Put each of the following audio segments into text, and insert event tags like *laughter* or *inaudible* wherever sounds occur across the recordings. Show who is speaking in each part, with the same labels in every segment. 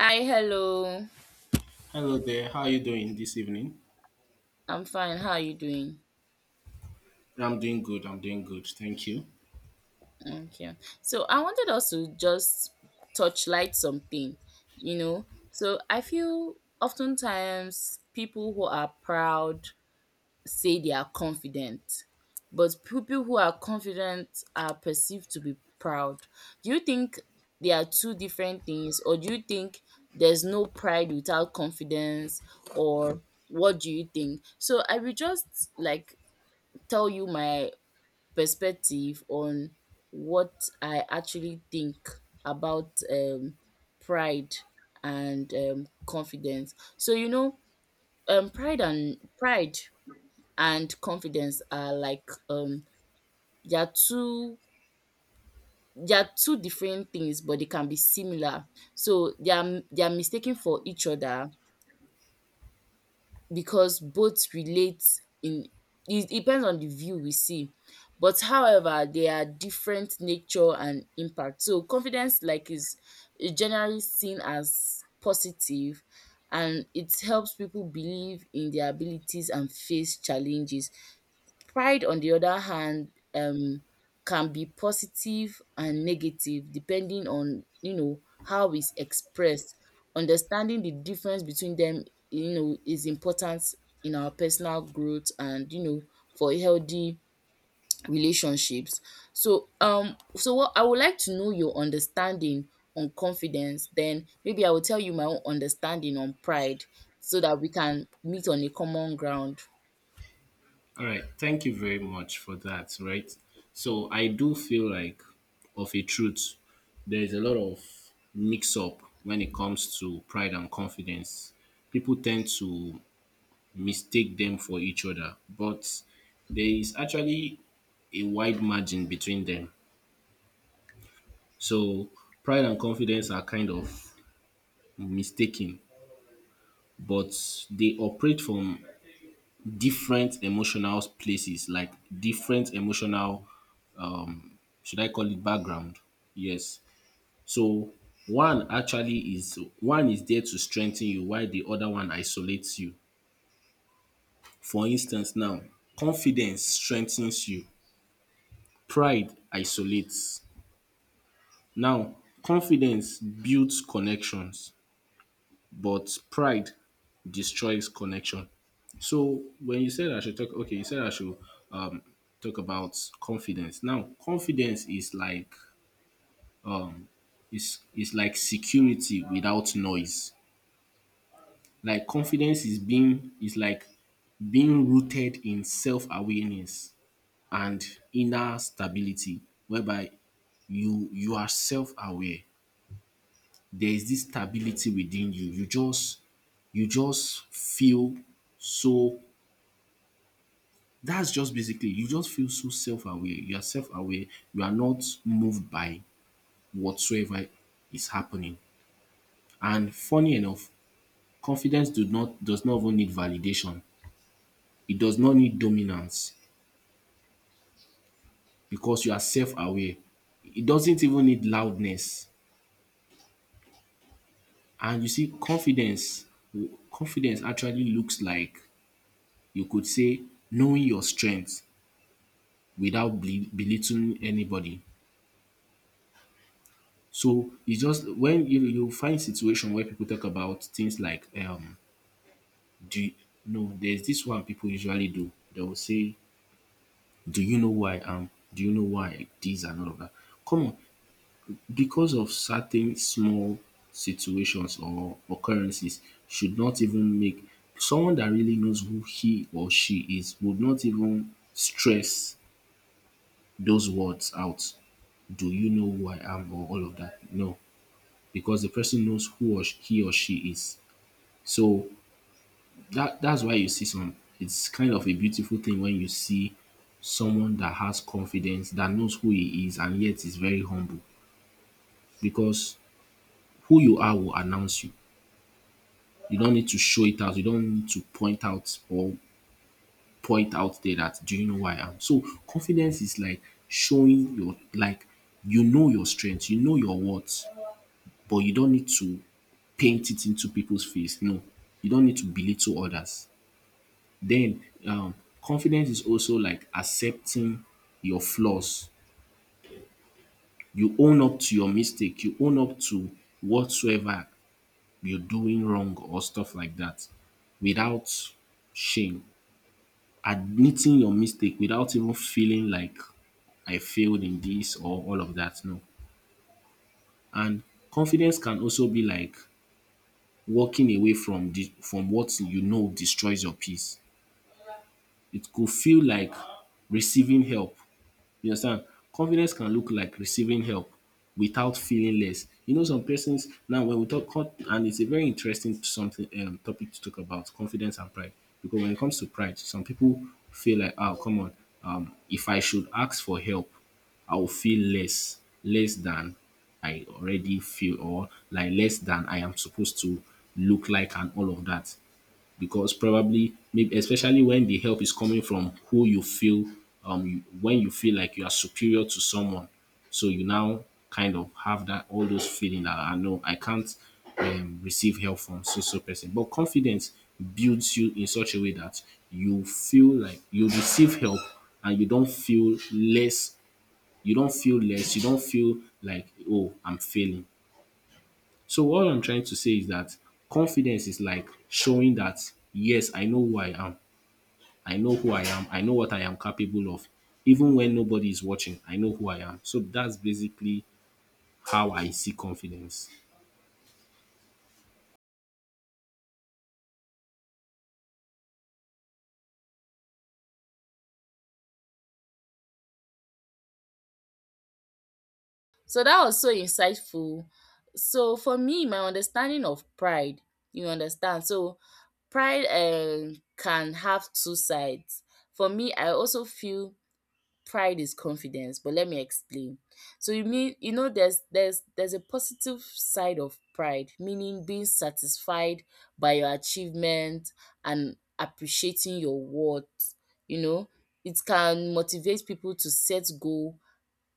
Speaker 1: Hi, hello.
Speaker 2: Hello there. How are you doing this evening?
Speaker 1: I'm fine. How are you doing?
Speaker 2: I'm doing good. I'm doing good. Thank you.
Speaker 1: Okay. So I wanted us to just touch light something, you know. So I feel oftentimes people who are proud say they are confident, but people who are confident are perceived to be proud. Do you think they are two different things, or do you think there's no pride without confidence, or what do you think? So I will just like tell you my perspective on what I actually think about pride and confidence. So you know, pride and confidence are like they are two they are two different things, but they can be similar. So they are mistaken for each other because both relate in it depends on the view we see, but however, there are different nature and impact. So confidence like is generally seen as positive, and it helps people believe in their abilities and face challenges. Pride, on the other hand, can be positive and negative depending on, you know, how it's expressed. Understanding the difference between them, you know, is important in our personal growth and, you know, for healthy relationships. So so what I would like to know your understanding on confidence. Then maybe I will tell you my own understanding on pride, so that we can meet on a common ground.
Speaker 2: All right. Thank you very much for that. Right. So I do feel like, of a truth, there is a lot of mix up when it comes to pride and confidence. People tend to mistake them for each other, but there is actually a wide margin between them. So pride and confidence are kind of mistaken, but they operate from different emotional places, like different emotional, um, should I call it background? Yes. So one is there to strengthen you while the other one isolates you. For instance now, confidence strengthens you, pride isolates. Now, confidence builds connections but pride destroys connection. So when you said I should talk, okay, you said I should um, talk about confidence. Now, confidence is like is like security without noise. Like confidence is like being rooted in self awareness and inner stability, whereby you are self aware. There is this stability within you. You just feel so that's just basically you just feel so self-aware, you are self-aware, you are not moved by whatsoever is happening. And funny enough, confidence do not does not even need validation, it does not need dominance, because you are self-aware, it doesn't even need loudness. And you see confidence actually looks like, you could say, knowing your strength without belittling anybody. So it's just when you find situation where people talk about things like do you, no there's this one people usually do. They will say, "Do you know who I am? Do you know why this and all of that?" Come on, because of certain small situations or occurrences should not even make — someone that really knows who he or she is would not even stress those words out, "Do you know who I am?" or all of that. No, because the person knows he or she is. So that's why you see some — it's kind of a beautiful thing when you see someone that has confidence, that knows who he is and yet is very humble, because who you are will announce you. You don't need to show it out. You don't need to point out there that, "Do you know who I am?" So confidence is like showing your — like you know your strengths, you know your worth, but you don't need to paint it into people's face. No, you don't need to belittle others. Then confidence is also like accepting your flaws. You own up to your mistake. You own up to whatsoever you're doing wrong or stuff like that without shame. Admitting your mistake without even feeling like, "I failed in this" or all of that. No. And confidence can also be like walking away from the from what you know destroys your peace. It could feel like receiving help. You understand? Confidence can look like receiving help without feeling less. You know, some persons now when we talk, and it's a very interesting something, topic to talk about confidence and pride. Because when it comes to pride, some people feel like, oh, come on, if I should ask for help, I will feel less, less than I already feel, or like less than I am supposed to look like, and all of that, because probably maybe especially when the help is coming from who you feel when you feel like you are superior to someone, so you now kind of have that all those feeling that I know I can't receive help from so so person. But confidence builds you in such a way that you feel like you receive help and you don't feel less, you don't feel like, oh, I'm failing. So what I'm trying to say is that confidence is like showing that, yes, I know who I am. I know who I am. I know what I am capable of. Even when nobody is watching, I know who I am. So that's basically how I see confidence.
Speaker 1: So that was so insightful. So for me, my understanding of pride, you understand. So pride can have two sides. For me, I also feel pride is confidence, but let me explain. So you mean, you know, there's a positive side of pride, meaning being satisfied by your achievement and appreciating your worth, you know. It can motivate people to set goal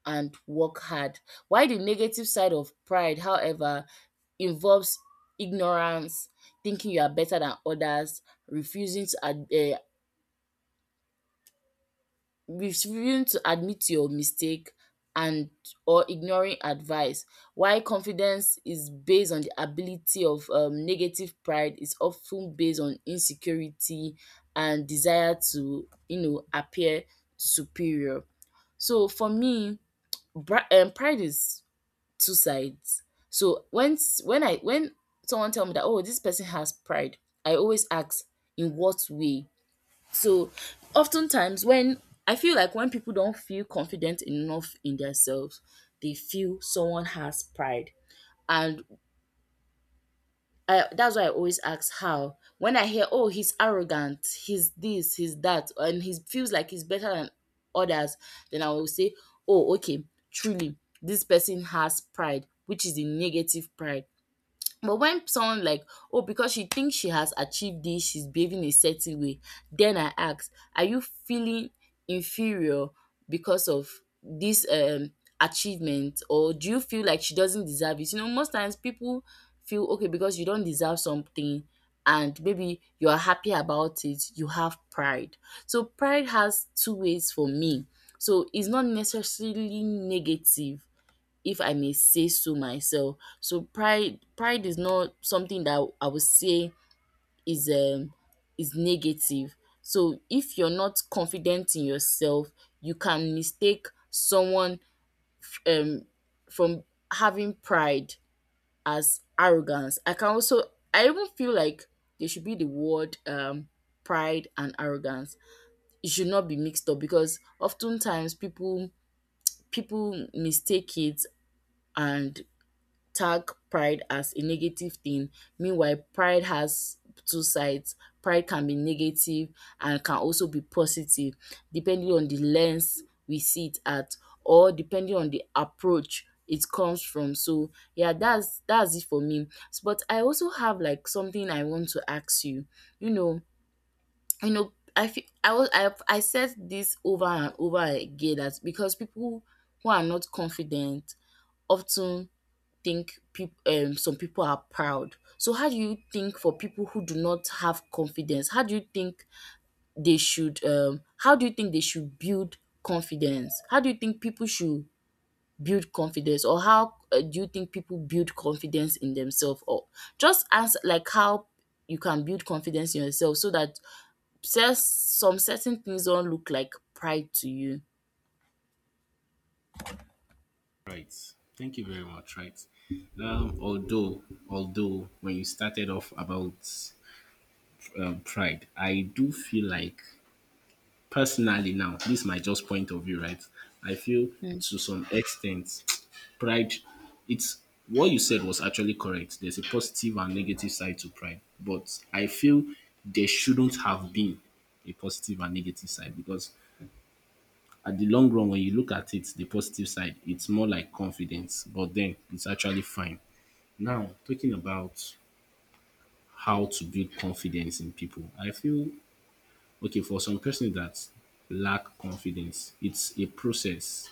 Speaker 1: and work hard. While the negative side of pride, however, involves ignorance, thinking you are better than others, refusing to ad- uh, refusing to admit your mistake and or ignoring advice, while confidence is based on the ability of negative pride is often based on insecurity and desire to, you know, appear superior. So for me, pride is two sides. So when s- when I when someone tell me that, oh, this person has pride, I always ask in what way. So oftentimes when I feel like when people don't feel confident enough in themselves, they feel someone has pride. And that's why I always ask how. When I hear, oh, he's arrogant, he's this, he's that, and he feels like he's better than others, then I will say, oh, okay, truly, this person has pride, which is a negative pride. But when someone like, oh, because she thinks she has achieved this, she's behaving a certain way, then I ask, are you feeling inferior because of this achievement, or do you feel like she doesn't deserve it? You know, most times people feel okay because you don't deserve something and maybe you are happy about it, you have pride. So pride has two ways for me. So it's not necessarily negative, if I may say so myself. So pride is not something that I would say is um is negative. So if you're not confident in yourself, you can mistake someone um from having pride as arrogance. I can also I even feel like there should be the word pride and arrogance. It should not be mixed up, because oftentimes people mistake it and tag pride as a negative thing. Meanwhile, pride has two sides. Pride can be negative and can also be positive, depending on the lens we see it at, or depending on the approach it comes from. So yeah, that's it for me. But I also have like something I want to ask you. You know, you know, I feel I was I said this over and over again that because people who are not confident often think peop some people are proud. So, how do you think for people who do not have confidence? How do you think they should? How do you think they should build confidence? How do you think people should build confidence, or how do you think people build confidence in themselves? Or just answer like how you can build confidence in yourself so that some certain things don't look like pride to you.
Speaker 2: Right. Thank you very much. Right. Um, although, although when you started off about pride, I do feel like — personally now, this is my just point of view, right? I feel
Speaker 1: Mm.
Speaker 2: to some extent, *tsk* pride, it's — what you said was actually correct. There's a positive and negative side to pride, but I feel there shouldn't have been a positive and negative side because at the long run, when you look at it, the positive side, it's more like confidence, but then it's actually fine. Now, talking about how to build confidence in people, I feel, okay, for some person that lack confidence, it's a process.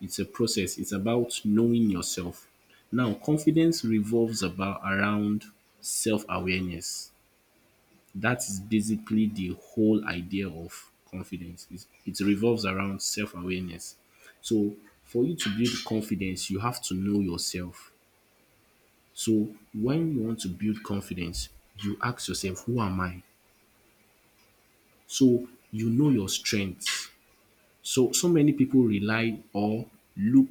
Speaker 2: It's a process. It's about knowing yourself. Now, confidence revolves about around self-awareness. That is basically the whole idea of confidence. It revolves around self-awareness. So, for you to build confidence, you have to know yourself. So, when you want to build confidence, you ask yourself, "Who am I?" So you know your strengths. So many people rely or look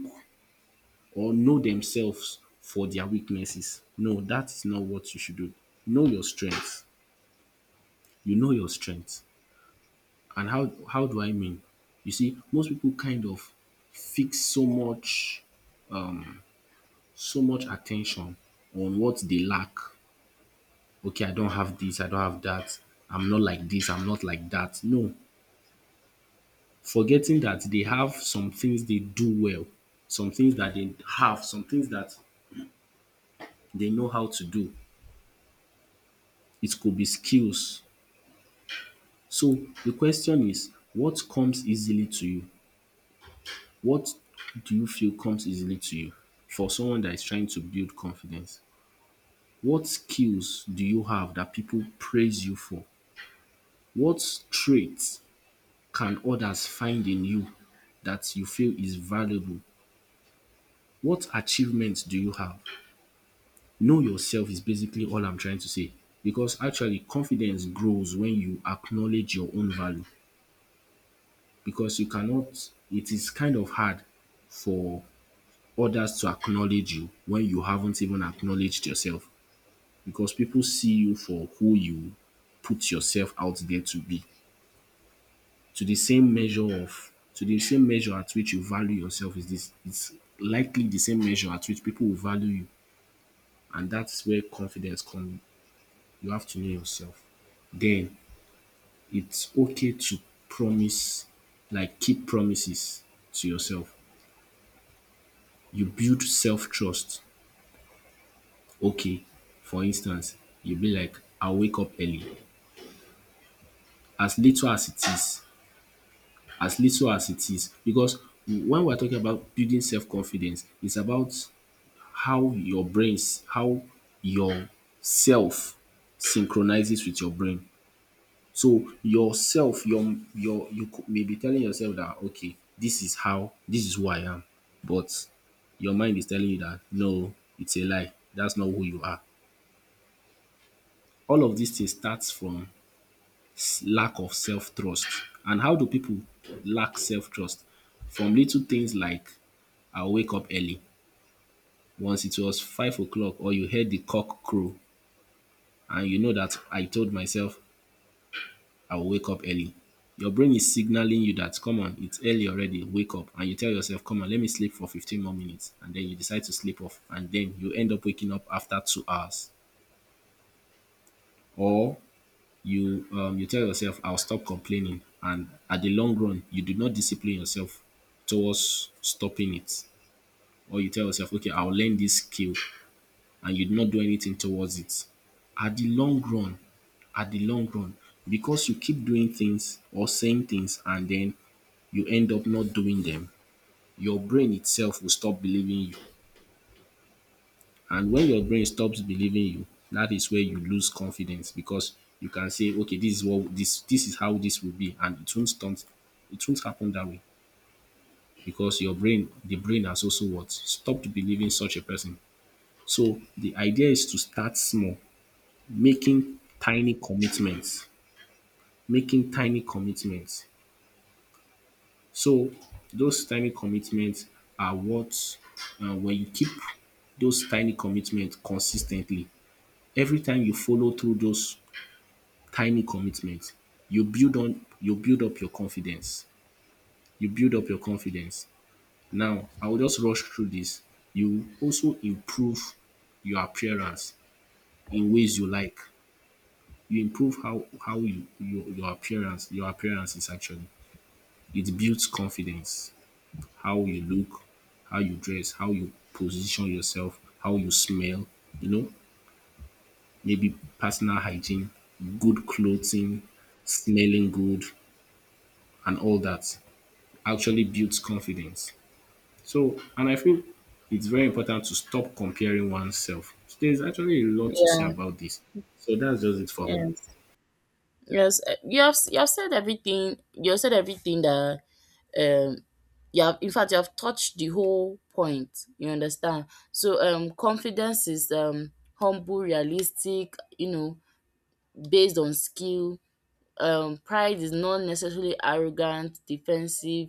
Speaker 2: or know themselves for their weaknesses. No, that is not what you should do. Know your strengths. You know your strengths. And how do I mean? You see, most people kind of fix so much, so much attention on what they lack. Okay, I don't have this, I don't have that. I'm not like this, I'm not like that. No, forgetting that they have some things they do well, some things that they have, some things that they know how to do. It could be skills. So the question is, what comes easily to you? What do you feel comes easily to you, for someone that is trying to build confidence? What skills do you have that people praise you for? What traits can others find in you that you feel is valuable? What achievements do you have? Know yourself is basically all I'm trying to say, because actually confidence grows when you acknowledge your own value. Because you cannot — it is kind of hard for others to acknowledge you when you haven't even acknowledged yourself, because people see you for who you put yourself out there to be. To the same measure at which you value yourself is this it's likely the same measure at which people will value you, and that's where confidence comes. You have to know yourself. Then it's okay to promise, like keep promises to yourself. You build self-trust. Okay, for instance, you be like, "I'll wake up early." As little as it is, as little as it is. Because when we're talking about building self-confidence, it's about how your brains, how your self synchronizes with your brain. So yourself, your you could may be telling yourself that, okay, this is who I am. But your mind is telling you that, no, it's a lie. That's not who you are. All of dis things start from lack of self trust. And how do pipu lack self trust? From little things like, "I will wake up early." Once it was 5 o'clock or you heard the cock crow and you know dat, "I told myself I will wake up early." Your brain is signalling you dat, come on, it's early already, wake up. And you tell yourself, come on, let me sleep for 15 more minutes, and den you decide to sleep off, and den you end up waking up after 2 hours. Or you you tell yourself, "I'll stop complaining," and at the long run you do not discipline yourself towards stopping it. Or you tell yourself, okay, "I'll learn this skill," and you do not do anything towards it. At the long run, at the long run, because you keep doing things or saying things and then you end up not doing them, your brain itself will stop believing you. And when your brain stops believing you, that is where you lose confidence, because you can say, okay, this is what — this is how this will be, and it won't stunt, it won't happen that way, because your brain, the brain has also what stopped believing such a person. So the idea is to start small, making tiny commitments, making tiny commitments. So those tiny commitments are what — when you keep those tiny commitments consistently. Every time you follow through those tiny commitment, you build up your confidence. You build up your confidence. Now, I will just rush through this. You also improve your appearance in ways you like. You improve how — your appearance, your appearance is actually — it builds confidence. How you look, how you dress, how you position yourself, how you smell, you know, maybe personal hygiene, good clothing, smelling good, and all that actually builds confidence. So, and I feel it's very important to stop comparing oneself. So there's actually a lot to say
Speaker 1: Yeah.
Speaker 2: about this. So that's just it for me.
Speaker 1: Yes. Yes. You have said everything. You have said everything that um you have in fact you have touched the whole point, you understand. So confidence is humble, realistic, you know, based on skill. Pride is not necessarily arrogant, defensive,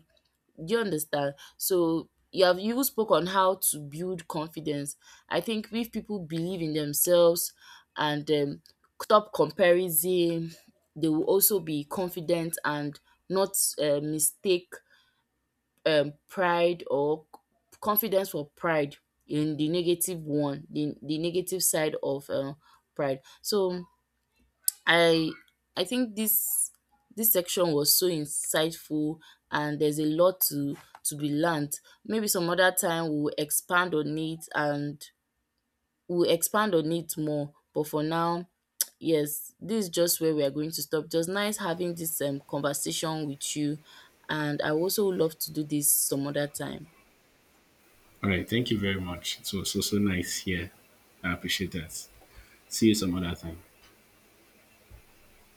Speaker 1: do you understand? So you spoke on how to build confidence. I think if people believe in themselves and stop comparison, they will also be confident and not mistake pride or confidence or pride in the negative one, the negative side of pride. So i I think this this section was so insightful, and there's a lot to be learned. Maybe some other time we'll expand on it, and we'll expand on it more, but for now, *tsk* yes, this is just where we are going to stop. Just nice having this conversation with you, and I also would love to do this some other time.
Speaker 2: All right. Thank you very much. It was so, so nice here. I appreciate that. See you some other time.